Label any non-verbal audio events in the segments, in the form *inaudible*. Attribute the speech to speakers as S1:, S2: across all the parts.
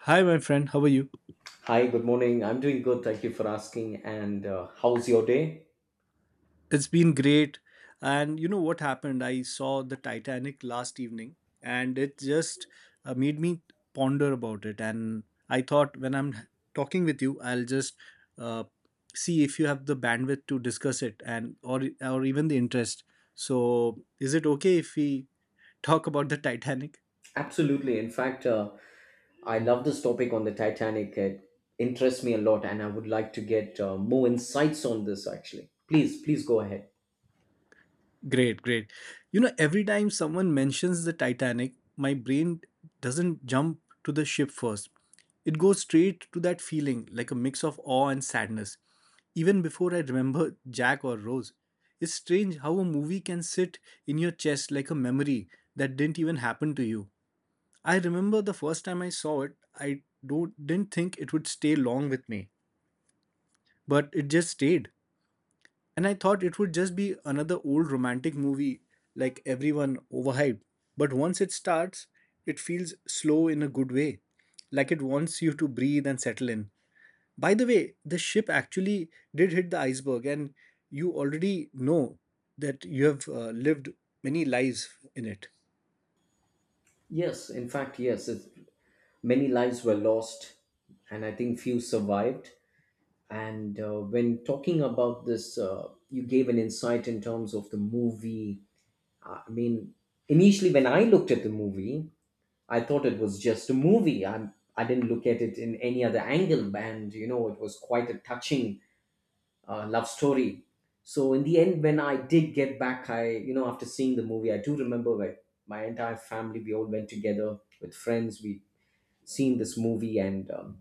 S1: Hi, my friend. How are you?
S2: Hi, good morning. I'm doing good. Thank you for asking. And how's your day?
S1: It's been great. And you know what happened? I saw the Titanic last evening and it just made me ponder about it. And I thought when I'm talking with you, I'll just uh, see if you have the bandwidth to discuss it and or even the interest. So, is it okay if we talk about the Titanic?
S2: Absolutely. In fact, I love this topic on the Titanic. It interests me a lot, and I would like to get more insights on this actually. Please, please go ahead.
S1: Great, great. Every time someone mentions the Titanic, my brain doesn't jump to the ship first. It goes straight to that feeling, like a mix of awe and sadness, even before I remember *laughs* Jack or Rose. It's strange how a movie can sit in your chest like a memory that didn't even happen to you. I remember the first time I saw it, I don't, didn't think it would stay long with me, but it just stayed. And I thought it would just be another old romantic movie like everyone overhyped. But once it starts, it feels slow in a good way, like it wants you to breathe and settle in. By the way, the ship actually did hit the iceberg, and you already know that you have lived many lives in it.
S2: Yes, in fact, yes. Many lives were lost, and I think few survived. And when talking about this, you gave an insight in terms of the movie. I mean, initially, when I looked at the movie, I thought it was just a movie. I didn't look at it in any other angle, and you know it was quite a touching love story. So in the end, when I did get back, I, after seeing the movie, I do remember like my entire family. We all went together with friends. We seen this movie, and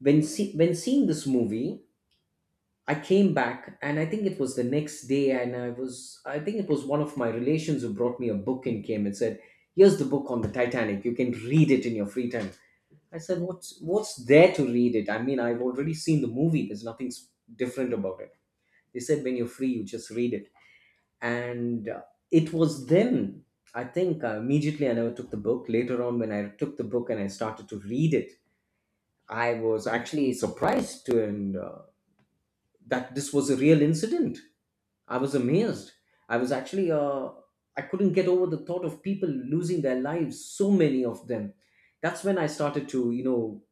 S2: when seeing this movie, I came back, and I think it was the next day, and I think it was one of my relations who brought me a book and came and said, "Here's the book on the Titanic. You can read it in your free time." I said, what's there to read it? I mean, I've already seen the movie. There's nothing different about it. They said when you're free, you just read it. And it was then I think immediately I never took the book. Later on, when I took the book and I started to read it, I was actually surprised to and that this was a real incident. I was amazed. I was actually I couldn't get over the thought of people losing their lives. So many of them. That's when I started to you know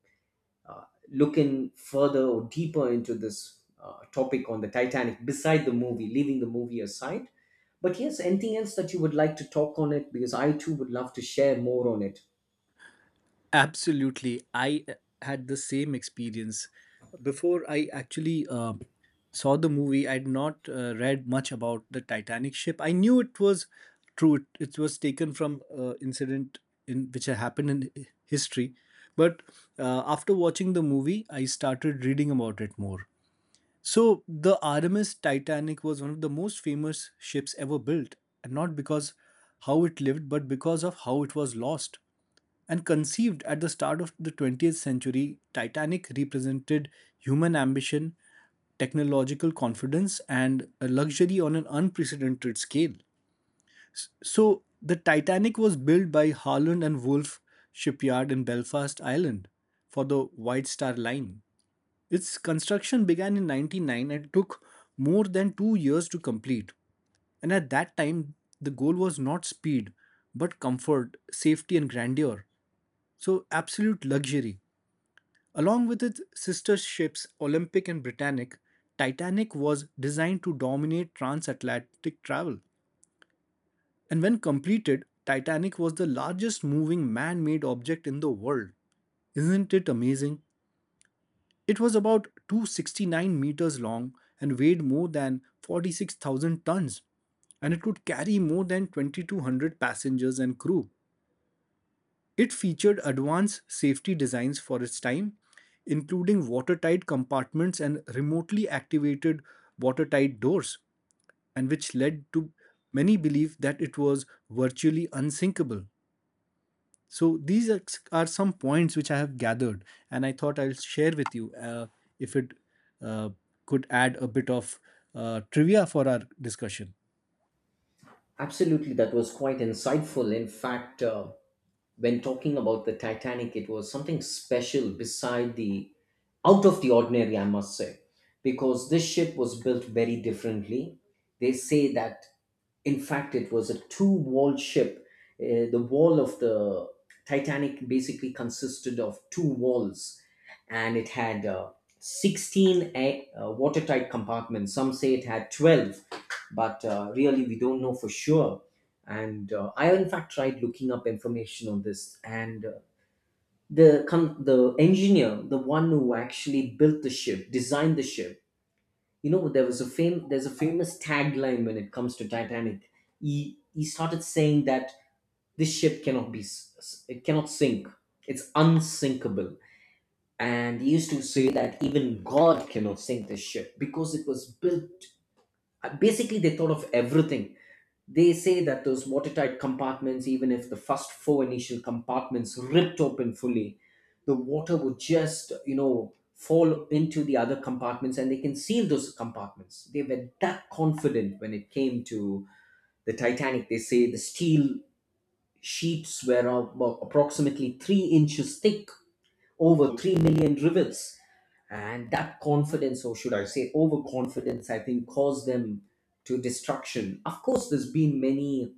S2: looking further or deeper into this topic on the Titanic beside the movie, leaving the movie aside. But yes, anything else that you would like to talk on it? Because I too would love to share more on it.
S1: Absolutely. I had the same experience. Before I actually saw the movie, I had not read much about the Titanic ship. I knew it was true. It was taken from incident in which had happened in history. But after watching the movie, I started reading about it more. So, the RMS Titanic was one of the most famous ships ever built, and not because how it lived, but because of how it was lost. And conceived at the start of the 20th century, Titanic represented human ambition, technological confidence, and a luxury on an unprecedented scale. So, the Titanic was built by Harland and Wolff Shipyard in Belfast, Ireland, for the White Star Line. Its construction began in 1909 and took more than 2 years to complete. And at that time, the goal was not speed, but comfort, safety, and grandeur. So, absolute luxury. Along with its sister ships, Olympic and Britannic, Titanic was designed to dominate transatlantic travel. And when completed, Titanic was the largest moving man made object in the world. Isn't it amazing? It was about 269 meters long and weighed more than 46,000 tons, and it could carry more than 2,200 passengers and crew. It featured advanced safety designs for its time, including watertight compartments and remotely activated watertight doors, and which led to many believe that it was virtually unsinkable. So these are some points which I have gathered, and I thought I'll share with you if it uh, could add a bit of trivia for our discussion.
S2: Absolutely, that was quite insightful. In fact, when talking about the Titanic, it was something special beside the out of the ordinary, I must say, because this ship was built very differently. They say that in fact, it was a two walled ship. The wall of the Titanic basically consisted of two walls and it had 16 watertight compartments. Some say it had 12, but really we don't know for sure. And I, in fact, tried looking up information on this, and the engineer, the one who actually built the ship, designed the ship, you know, there's a famous tagline when it comes to Titanic. He started saying that this ship cannot be it cannot sink, it's unsinkable. And he used to say that even God cannot sink this ship because it was built, basically they thought of everything. They say that those watertight compartments, even if the first four initial compartments ripped open fully, the water would just, you know, fall into the other compartments and they can seal those compartments. They were that confident when it came to the Titanic. They say the steel sheets were about approximately 3 inches thick, over 3 million rivets. And that confidence, or should I say overconfidence, I think caused them to destruction. Of course, there's been many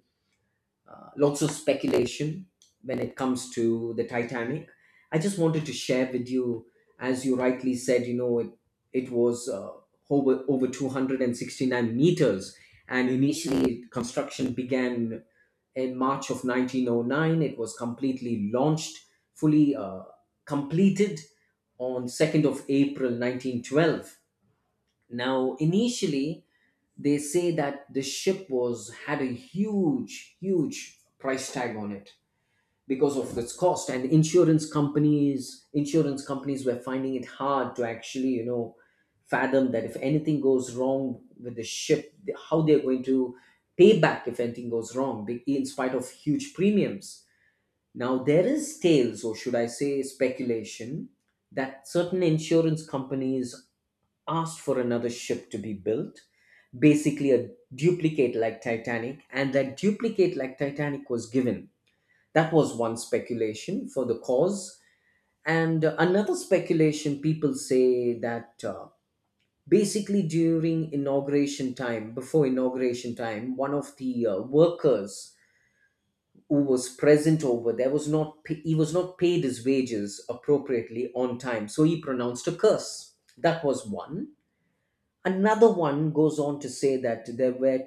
S2: lots of speculation when it comes to the Titanic. I just wanted to share with you, as you rightly said, you know, it was over 269 meters. And initially, construction began in March of 1909. It was completely launched, fully completed on 2nd of April 1912. Now, initially, they say that the ship was had a huge, huge price tag on it because of its cost, and insurance companies were finding it hard to actually, you know, fathom that if anything goes wrong with the ship, how they're going to pay back if anything goes wrong, in spite of huge premiums. Now there is tales, or should I say, speculation, that certain insurance companies asked for another ship to be built, basically a duplicate like Titanic, and that duplicate like Titanic was given. That was one speculation for the cause. And another speculation, people say that basically during inauguration time, before inauguration time, one of the workers who was present over there was not pa- he was not paid his wages appropriately on time, so he pronounced a curse. That was one. Another one goes on to say that there were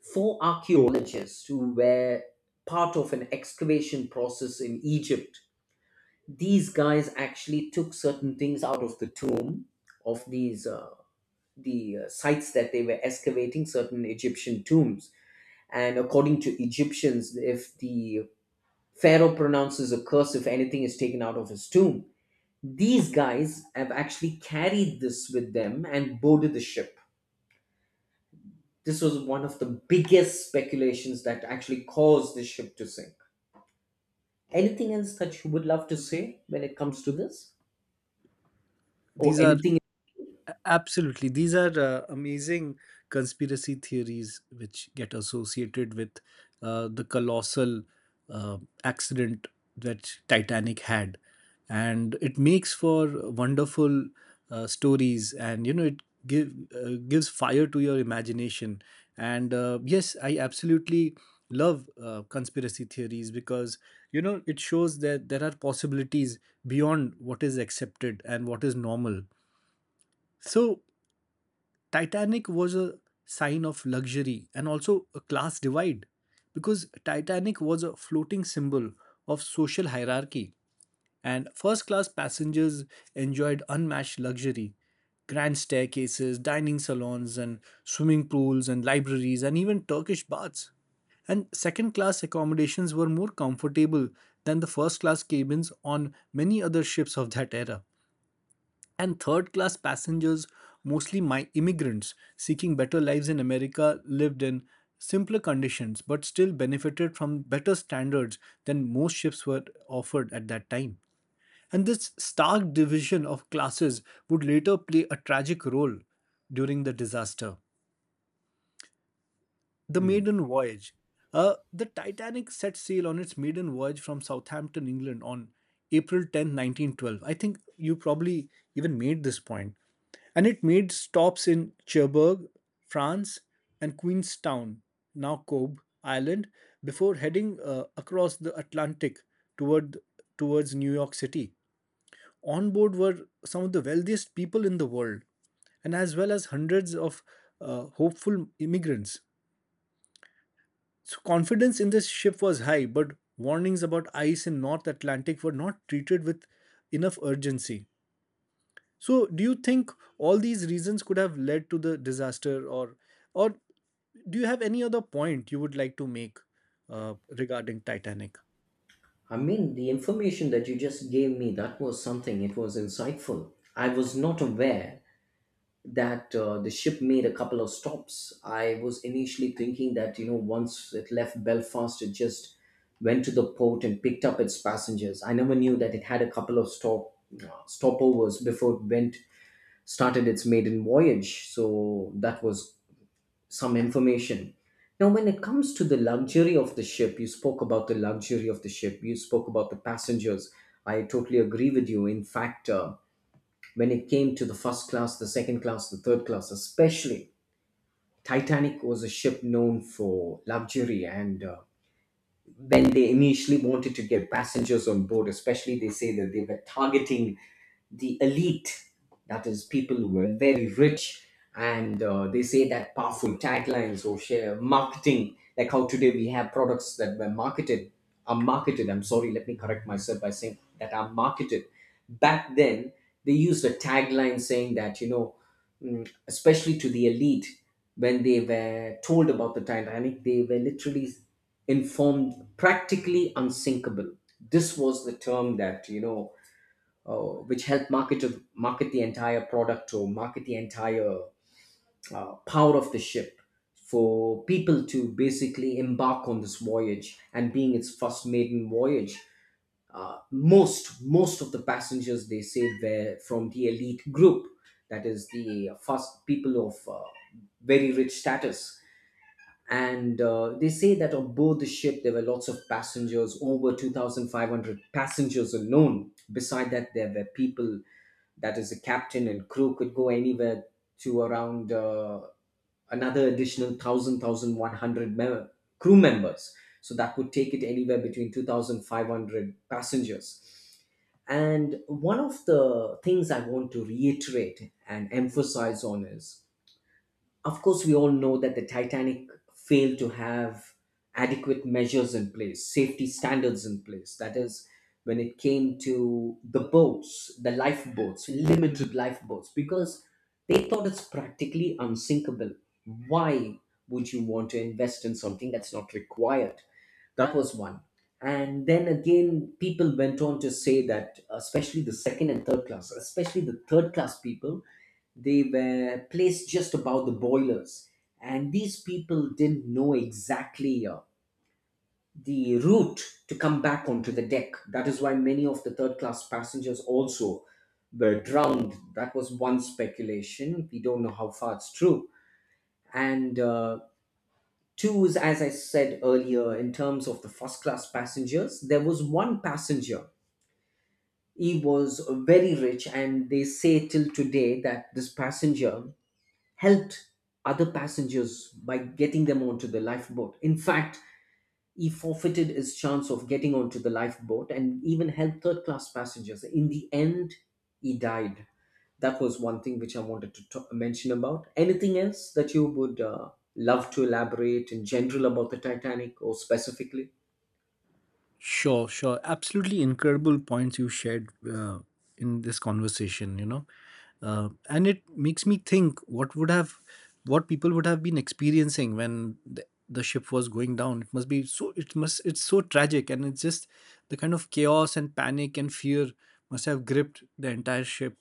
S2: four archaeologists who were part of an excavation process in Egypt. These guys actually took certain things out of the tomb of these the sites that they were excavating, certain Egyptian tombs. And according to Egyptians, if the pharaoh pronounces a curse, if anything is taken out of his tomb, these guys have actually carried this with them and boarded the ship. This was one of the biggest speculations that actually caused the ship to sink. Anything else that you would love to say when it comes to this? Or
S1: These are
S2: anything?
S1: Absolutely. These are amazing conspiracy theories which get associated with the colossal uh, accident that Titanic had. And it makes for wonderful stories and, it gives fire to your imagination. And yes, I absolutely love conspiracy theories because, it shows that there are possibilities beyond what is accepted and what is normal. So, Titanic was a sign of luxury and also a class divide, because Titanic was a floating symbol of social hierarchy, and first class passengers enjoyed unmatched luxury, grand staircases, dining salons, and swimming pools, and libraries, and even Turkish baths. And second class accommodations were more comfortable than the first class cabins on many other ships of that era. And third class passengers, mostly my immigrants seeking better lives in America, lived in simpler conditions but still benefited from better standards than most ships were offered at that time. And this stark division of classes would later play a tragic role during the disaster. The
S2: Hmm.
S1: maiden voyage. The Titanic set sail on its maiden voyage from Southampton, England on April 10th, 1912. I think you probably even made this point. And it made stops in Cherbourg, France, and Queenstown, now Cobb Island, before heading across the Atlantic toward towards New York City. On board were some of the wealthiest people in the world, and as well as hundreds of hopeful immigrants. So confidence in this ship was high, but warnings about ice in North Atlantic were not treated with enough urgency. So, do you think all these reasons could have led to the disaster, or do you have any other point you would like to make regarding Titanic?
S2: I mean, the information that you just gave me, that was something. It was insightful. I was not aware that the ship made a couple of stops. I was initially thinking that, you know, once it left Belfast, it just went to the port and picked up its passengers. I never knew that it had a couple of stopovers before it went started its maiden voyage. So that was some information. Now, when it comes to the luxury of the ship, you spoke about the luxury of the ship, you spoke about the passengers. I totally agree with you. In fact, when it came to the first class, the second class, the third class, especially, Titanic was a ship known for luxury. And when they initially wanted to get passengers on board, especially they say that they were targeting the elite, that is, people who were very rich, and they say that powerful taglines or share marketing, like how today we have products that were marketed, are marketed. I'm sorry, let me correct myself by saying that are marketed. Back then, they used a tagline saying that, you know, especially to the elite, when they were told about the Titanic, they were literally informed, practically unsinkable. This was the term that you know, which helped market to market the entire product or market the entire power of the ship for people to basically embark on this voyage. And being its first maiden voyage, most of the passengers they say were from the elite group, that is the first people of very rich status. And they say that on board the ship there were lots of passengers, over 2500 passengers alone, beside that there were people, that is the captain and crew, could go anywhere to around another additional 1000 1100 crew members, so that would take it anywhere between 2500 passengers. And one of the things I want to reiterate and emphasize on is, of course, we all know that the Titanic failed to have adequate measures in place, safety standards in place. That is, when it came to the boats, the lifeboats, limited lifeboats, because they thought it's practically unsinkable. Why would you want to invest in something that's not required? That was one. And then again, people went on to say that, especially the second and third class, especially the third class people, they were placed just above the boilers, and these people didn't know exactly the route to come back onto the deck. That is why many of the third class passengers also were drowned. That was one speculation, we don't know how far it's true. And two is, as I said earlier, in terms of the first class passengers, there was one passenger, he was very rich, and they say till today that this passenger helped other passengers by getting them onto the lifeboat. In fact, he forfeited his chance of getting onto the lifeboat and even helped third class passengers. In the end, he died. That was one thing which I wanted to mention about. Anything else that you would love to elaborate in general about the Titanic or specifically?
S1: Sure, sure. Absolutely incredible points you shared in this conversation. And it makes me think what people would have been experiencing when the ship was going down. It's so tragic. And it's just the kind of chaos and panic and fear must have gripped the entire ship.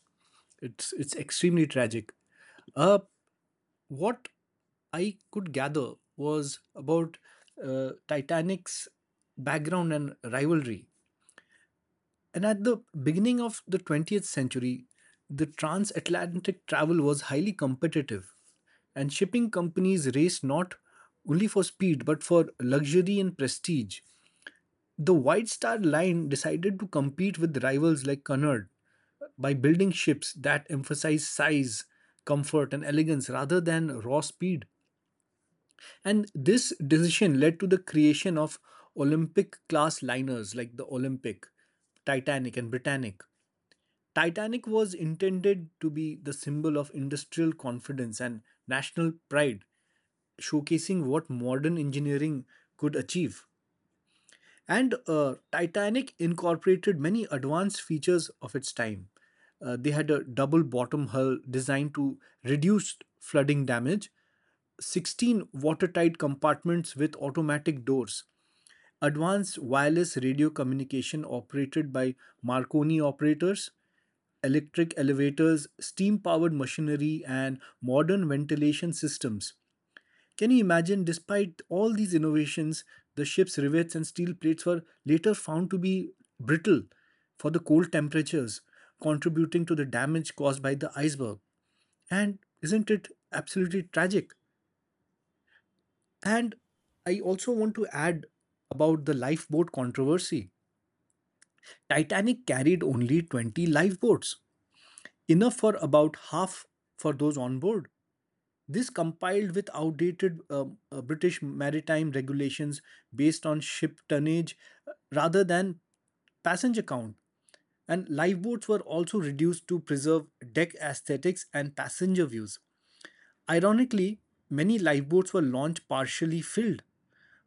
S1: It's extremely tragic. Uh, what I could gather was about Titanic's background and rivalry. And at the beginning of the 20th century, the transatlantic travel was highly competitive, and shipping companies raced not only for speed but for luxury and prestige. The White Star Line decided to compete with rivals like Cunard by building ships that emphasized size, comfort, and elegance rather than raw speed. And this decision led to the creation of Olympic class liners like the Olympic, Titanic, and Britannic. Titanic was intended to be the symbol of industrial confidence and national pride, showcasing what modern engineering could achieve. And Titanic incorporated many advanced features of its time. They had a double bottom hull designed to reduce flooding damage, 16 watertight compartments with automatic doors, advanced wireless radio communication operated by Marconi operators, electric elevators, steam powered machinery, and modern ventilation systems. Can you imagine, despite all these innovations, the ship's rivets and steel plates were later found to be brittle for the cold temperatures, contributing to the damage caused by the iceberg? And isn't it absolutely tragic? And I also want to add about the lifeboat controversy. Titanic carried only 20 lifeboats, enough for about half for those on board. This compiled with outdated British maritime regulations based on ship tonnage rather than passenger count. And lifeboats were also reduced to preserve deck aesthetics and passenger views. Ironically, many lifeboats were launched partially filled,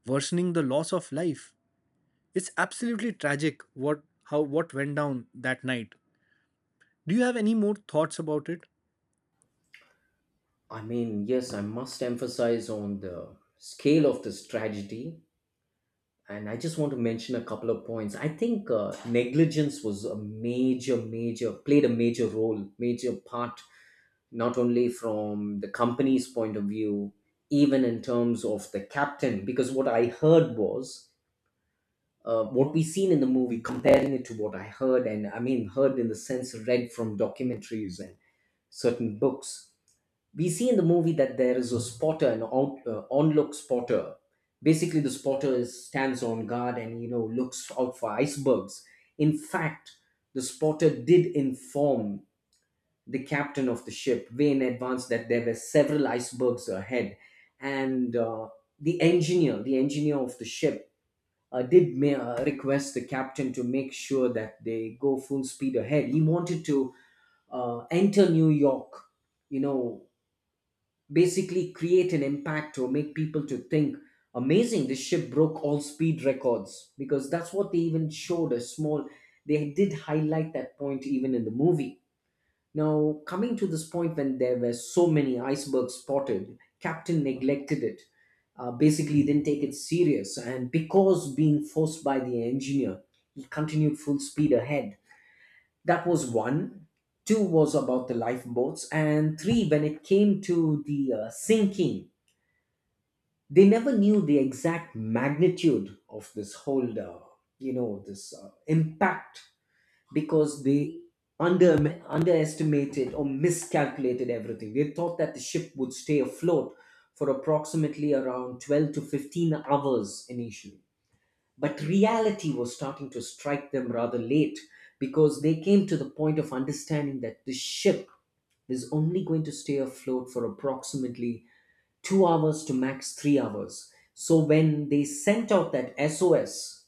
S1: worsening the loss of life. It's absolutely tragic what went down that night. Do you have any more thoughts about it?
S2: I mean, yes, I must emphasize on the scale of this tragedy, and I just want to mention a couple of points. I think negligence was a major, played a major role, major part, not only from the company's point of view, even in terms of the captain. Because what I heard was what we seen in the movie, comparing it to what I heard, and I mean heard in the sense read from documentaries and certain books. We see in the movie that there is a spotter, an onlook spotter. Basically, the spotter is, stands on guard and you know looks out for icebergs. In fact, the spotter did inform the captain of the ship way in advance that there were several icebergs ahead, and the the engineer of the ship, request the captain to make sure that they go full speed ahead. He wanted to enter New York, you know, basically create an impact or make people to think amazing this ship broke all speed records, because that's what they even showed a small, they did highlight that point even in the movie. Now coming to this point, when there were so many icebergs spotted, captain neglected it, basically didn't take it serious, and because being forced by the engineer, he continued full speed ahead. That was one. Two was about the lifeboats, and three, when it came to the sinking, they never knew the exact magnitude of this whole you know this impact, because they under underestimated or miscalculated everything. They thought that the ship would stay afloat for approximately around 12 to 15 hours initially, but reality was starting to strike them rather late, because they came to the point of understanding that the ship is only going to stay afloat for approximately 2 hours to max 3 hours. So when they sent out that SOS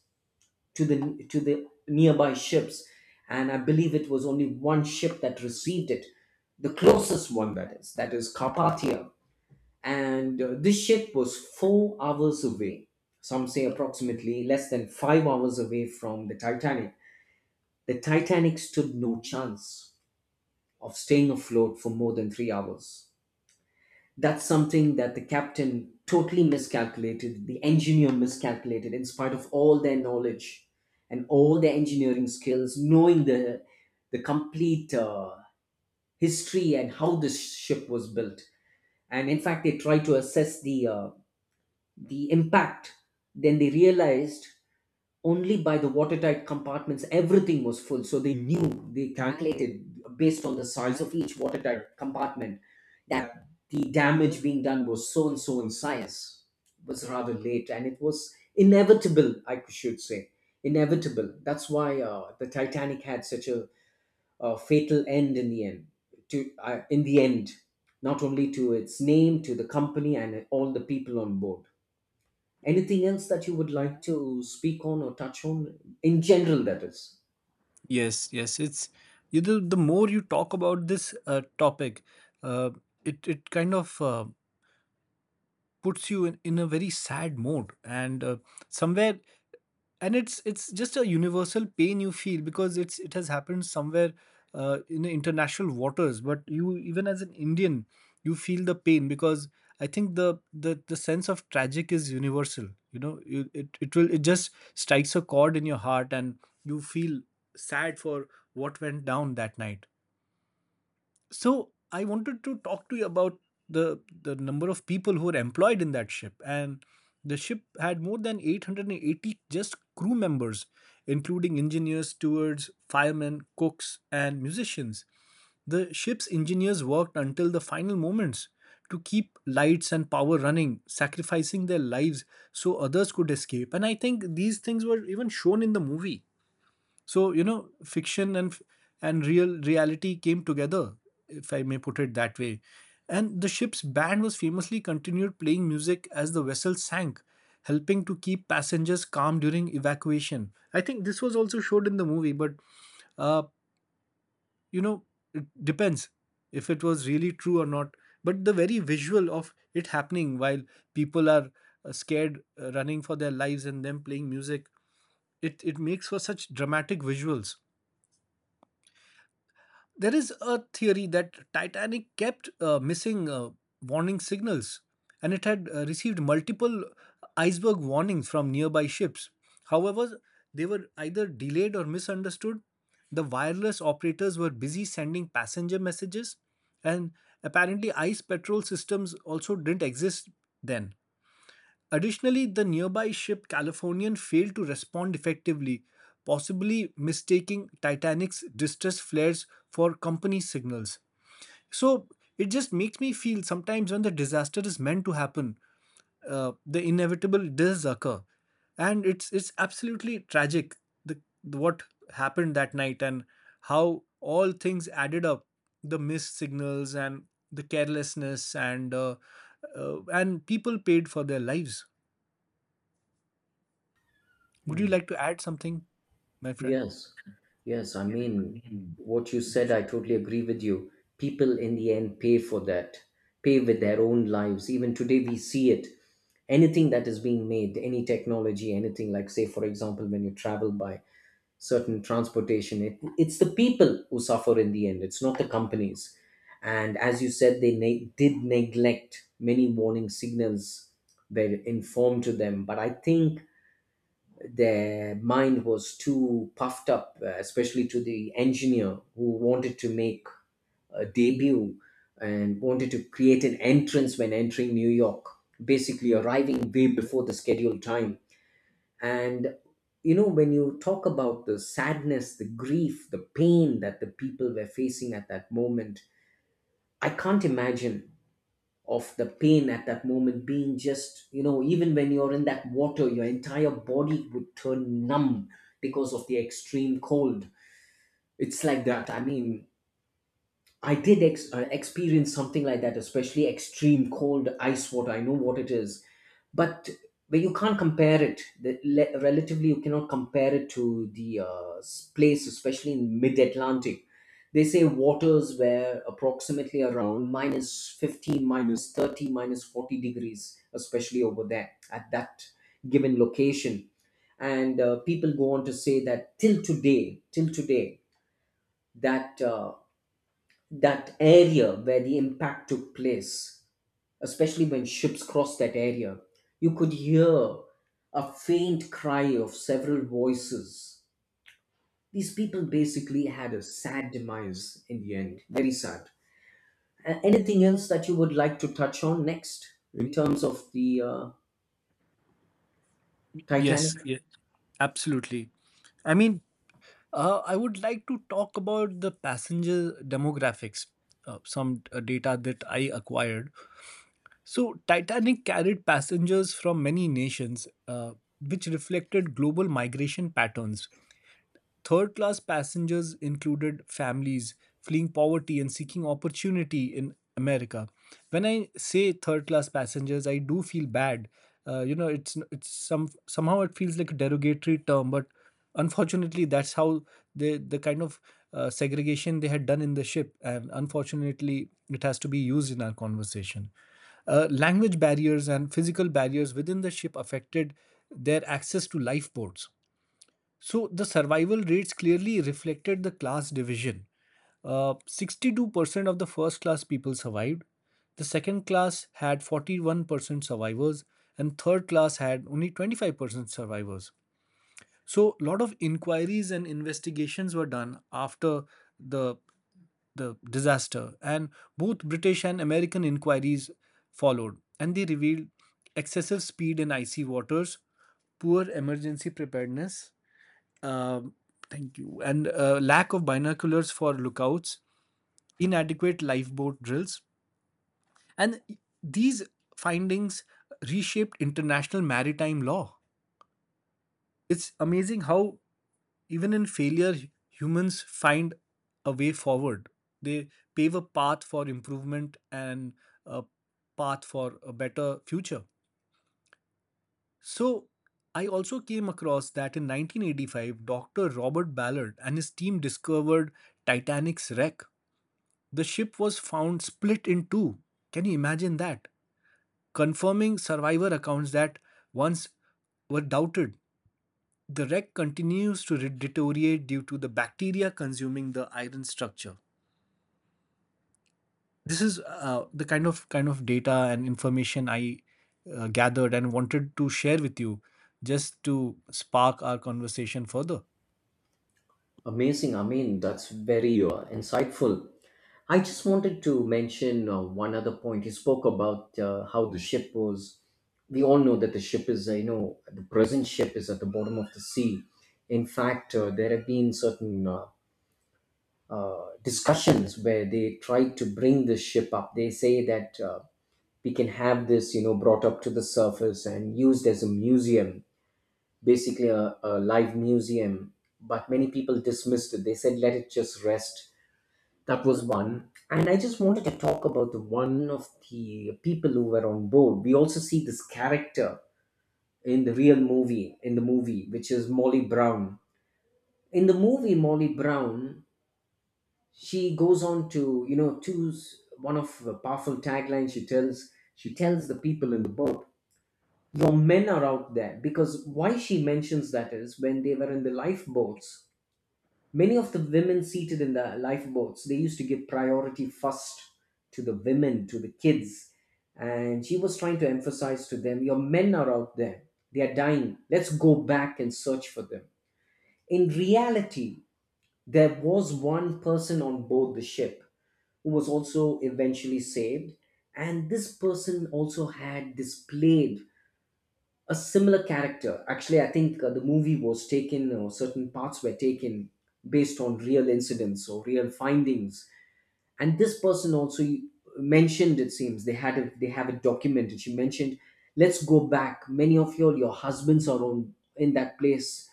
S2: to the nearby ships, and I believe it was only one ship that received it, the closest one, that is Carpathia, and this ship was 4 hours away. Some say approximately less than 5 hours away from the Titanic. The Titanic stood no chance of staying afloat for more than 3 hours. That's something that the captain totally miscalculated, the engineer miscalculated, in spite of all their knowledge and all their engineering skills, knowing the complete history and how this ship was built. And in fact, they tried to assess the impact. Then they realized, only by the watertight compartments everything was full, so they knew, they calculated based on the size of each watertight compartment that the damage being done was so and so in size. It was rather late, and it was inevitable, I should say, inevitable. That's why the Titanic had such a, uh, fatal end in the end, to in the end, not only to its name, to the company and all the people on board. Anything else that you would like to speak on or touch on in general, that is?
S1: Yes, yes, the more you talk about this topic, uh, it kind of puts you in a very sad mode and somewhere, and it's just a universal pain you feel because it has happened somewhere in the international waters, but you even as an Indian you feel the pain because I think the sense of tragic is universal. You know you, it, it will it just strikes a chord in your heart and you feel sad for what went down that night. So I wanted to talk to you about the number of people who were employed in that ship, and the ship had more than 880 just crew members, including engineers, stewards, firemen, cooks, and musicians. The ship's engineers worked until the final moments to keep lights and power running, sacrificing their lives so others could escape. And I think these things were even shown in the movie. So, fiction and real reality came together, if I may put it that way. And the ship's band was famously continued playing music as the vessel sank, helping to keep passengers calm during evacuation. I think this was also showed in the movie, but uh, you know, it depends if it was really true or not. But the very visual of it happening while people are scared, running for their lives, and them playing music, it makes for such dramatic visuals. There is a theory that Titanic kept missing warning signals, and it had received multiple iceberg warnings from nearby ships. However, they were either delayed or misunderstood. The wireless operators were busy sending passenger messages, and apparently, ice patrol systems also didn't exist then. Additionally, the nearby ship Californian failed to respond effectively, possibly mistaking Titanic's distress flares for company signals. So it just makes me feel sometimes when the disaster is meant to happen, the inevitable does occur, and it's absolutely tragic, the, what happened that night and how all things added up, the missed signals and the carelessness and people paid for their lives. Would you
S2: Hmm.
S1: like to add something, my friend?
S2: Yes, yes. I
S1: Yeah,
S2: mean,
S1: Tanvi.
S2: what you said, I totally agree with you. People in the end pay for that, pay with their own lives. Even today, we see it. Anything that is being made, any technology, anything like, say, for example, when you travel by certain transportation. It's the people who suffer in the end, it's not the companies. And as you said, they did neglect many warning signals, were informed to them. But I think their mind was too puffed up, especially to the engineer, who wanted to make a debut and wanted to create an entrance when entering New York, basically arriving way before the scheduled time. And you know, when you talk about the sadness, the grief, the pain that the people were facing at that moment, I can't imagine of the pain at that moment, being just, you know, even when you're in that water, your entire body would turn numb because of the extreme cold. It's like that. I mean, I did experience something like that, especially extreme cold ice water. I know what it is, but you can't compare it. Relatively, you cannot compare it to the place, especially in mid-Atlantic. They say waters were approximately around minus 15, minus 30, minus 40 degrees, especially over there at that given location. And people go on to say that till today, till today, that. Uh, that area where the impact took place, especially when ships crossed that area, you could hear a faint cry of several voices. These people basically had a sad demise in the end. Very sad. Anything else that you would like to touch on next in terms of the
S1: Yes,
S2: Titanic?
S1: yeah, absolutely. I mean, I would like to talk about the passenger demographics, some data that I acquired. So, Titanic carried passengers from many nations, which reflected global migration patterns. Third class passengers included families fleeing poverty and seeking opportunity in America. When I say third class passengers, I do feel bad. You know, it's somehow it feels like a derogatory term, but unfortunately, that's how the kind of segregation they had done in the ship, and unfortunately, it has to be used in our conversation. Language barriers and physical barriers within the ship affected their access to lifeboats, so the survival rates clearly reflected the class division. 62% of the first class people survived. The second class had 41% survivors, and third class had only 25% survivors. So a lot of inquiries and investigations were done after the the disaster, and both British and American inquiries followed, and they revealed excessive speed in icy waters, poor emergency preparedness, um, thank you. And lack of binoculars for lookouts, inadequate lifeboat drills. And these findings reshaped international maritime law. It's amazing how, even in failure, humans find a way forward. They pave a path for improvement and a path for a better future. So, I also came across that in 1985, Dr. Robert Ballard and his team discovered Titanic's wreck. The ship was found split in two. Can you imagine that? Confirming survivor accounts that once were doubted. The wreck continues to deteriorate due to the bacteria consuming the iron structure. This is the kind of data and information I gathered and wanted to share with you just to spark our conversation further.
S2: Amazing. I mean, that's very insightful. I just wanted to mention one other point. You spoke about how the ship was. We all know that the ship is, you know, the present ship is at the bottom of the sea. In fact, there have been certain discussions where they try to bring the ship up. They say that we can have this, you know, brought up to the surface and used as a museum, basically a live museum. But many people dismissed it. They said, let it just rest. That was one. And I just wanted to talk about the one of the people who were on board. We also see this character in the real movie, in the movie, which is Molly Brown. In the movie, Molly Brown, she goes on to, you know, choose one of the powerful taglines she tells the people in the boat, your men are out there. Because why she mentions that is, when they were in the lifeboats, many of the women seated in the lifeboats, they used to give priority first to the women, to the kids. And she was trying to emphasize to them, your men are out there. They are dying. Let's go back and search for them. In reality, there was one person on board the ship who was also eventually saved. And this person also had displayed a similar character. Actually, I think the movie was taken, or certain parts were taken based on real incidents or real findings. And this person also mentioned, it seems they had a, they have it documented. She mentioned, "Let's go back. Many of your husbands are on in that place,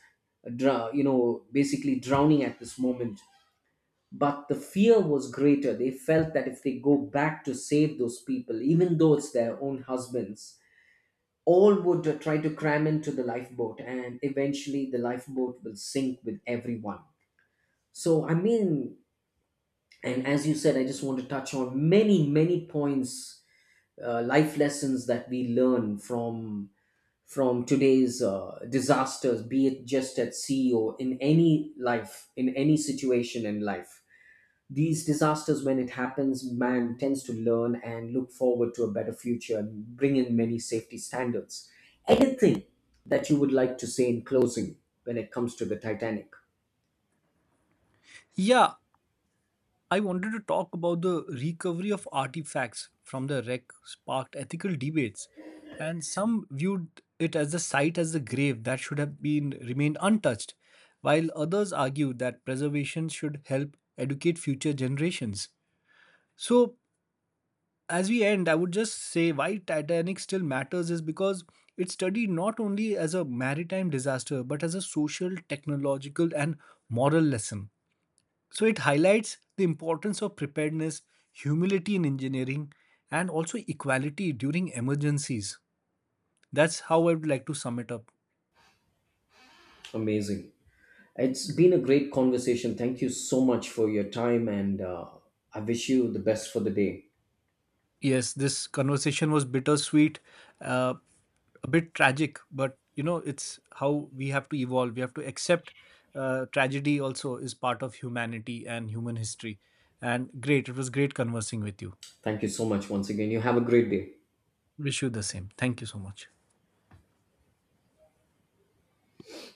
S2: basically drowning at this moment." But the fear was greater. They felt that if they go back to save those people, even though it's their own husbands, all would try to cram into the lifeboat, and eventually the lifeboat will sink with everyone. So I mean, and as you said, I just want to touch on many points. Life lessons that we learn from today's disasters, be it just at sea, or in any life, in any situation in life. These disasters, when it happens, man tends to learn and look forward to a better future and bring in many safety standards. Anything that you would like to say in closing, when it comes to the Titanic?
S1: Yeah, I wanted to talk about the recovery of artifacts from the wreck sparked ethical debates, and some viewed it as the site as the grave that should have been remained untouched, while others argued that preservation should help educate future generations. So, as we end, I would just say why Titanic still matters is because it's studied not only as a maritime disaster but as a social, technological, and moral lesson, so it highlights the importance of preparedness, humility in engineering, and also equality during emergencies. That's how I would like to sum it up.
S2: Amazing. It's been a great conversation. Thank you so much for your time, and I wish you the best for the day.
S1: Yes, this conversation was bittersweet, uh, a bit tragic, but it's how we have to evolve. We have to accept tragedy also is part of humanity and human history. And great, it was great conversing with you.
S2: Thank you so much once again. You have a great day.
S1: Wish you the same. Thank you so much.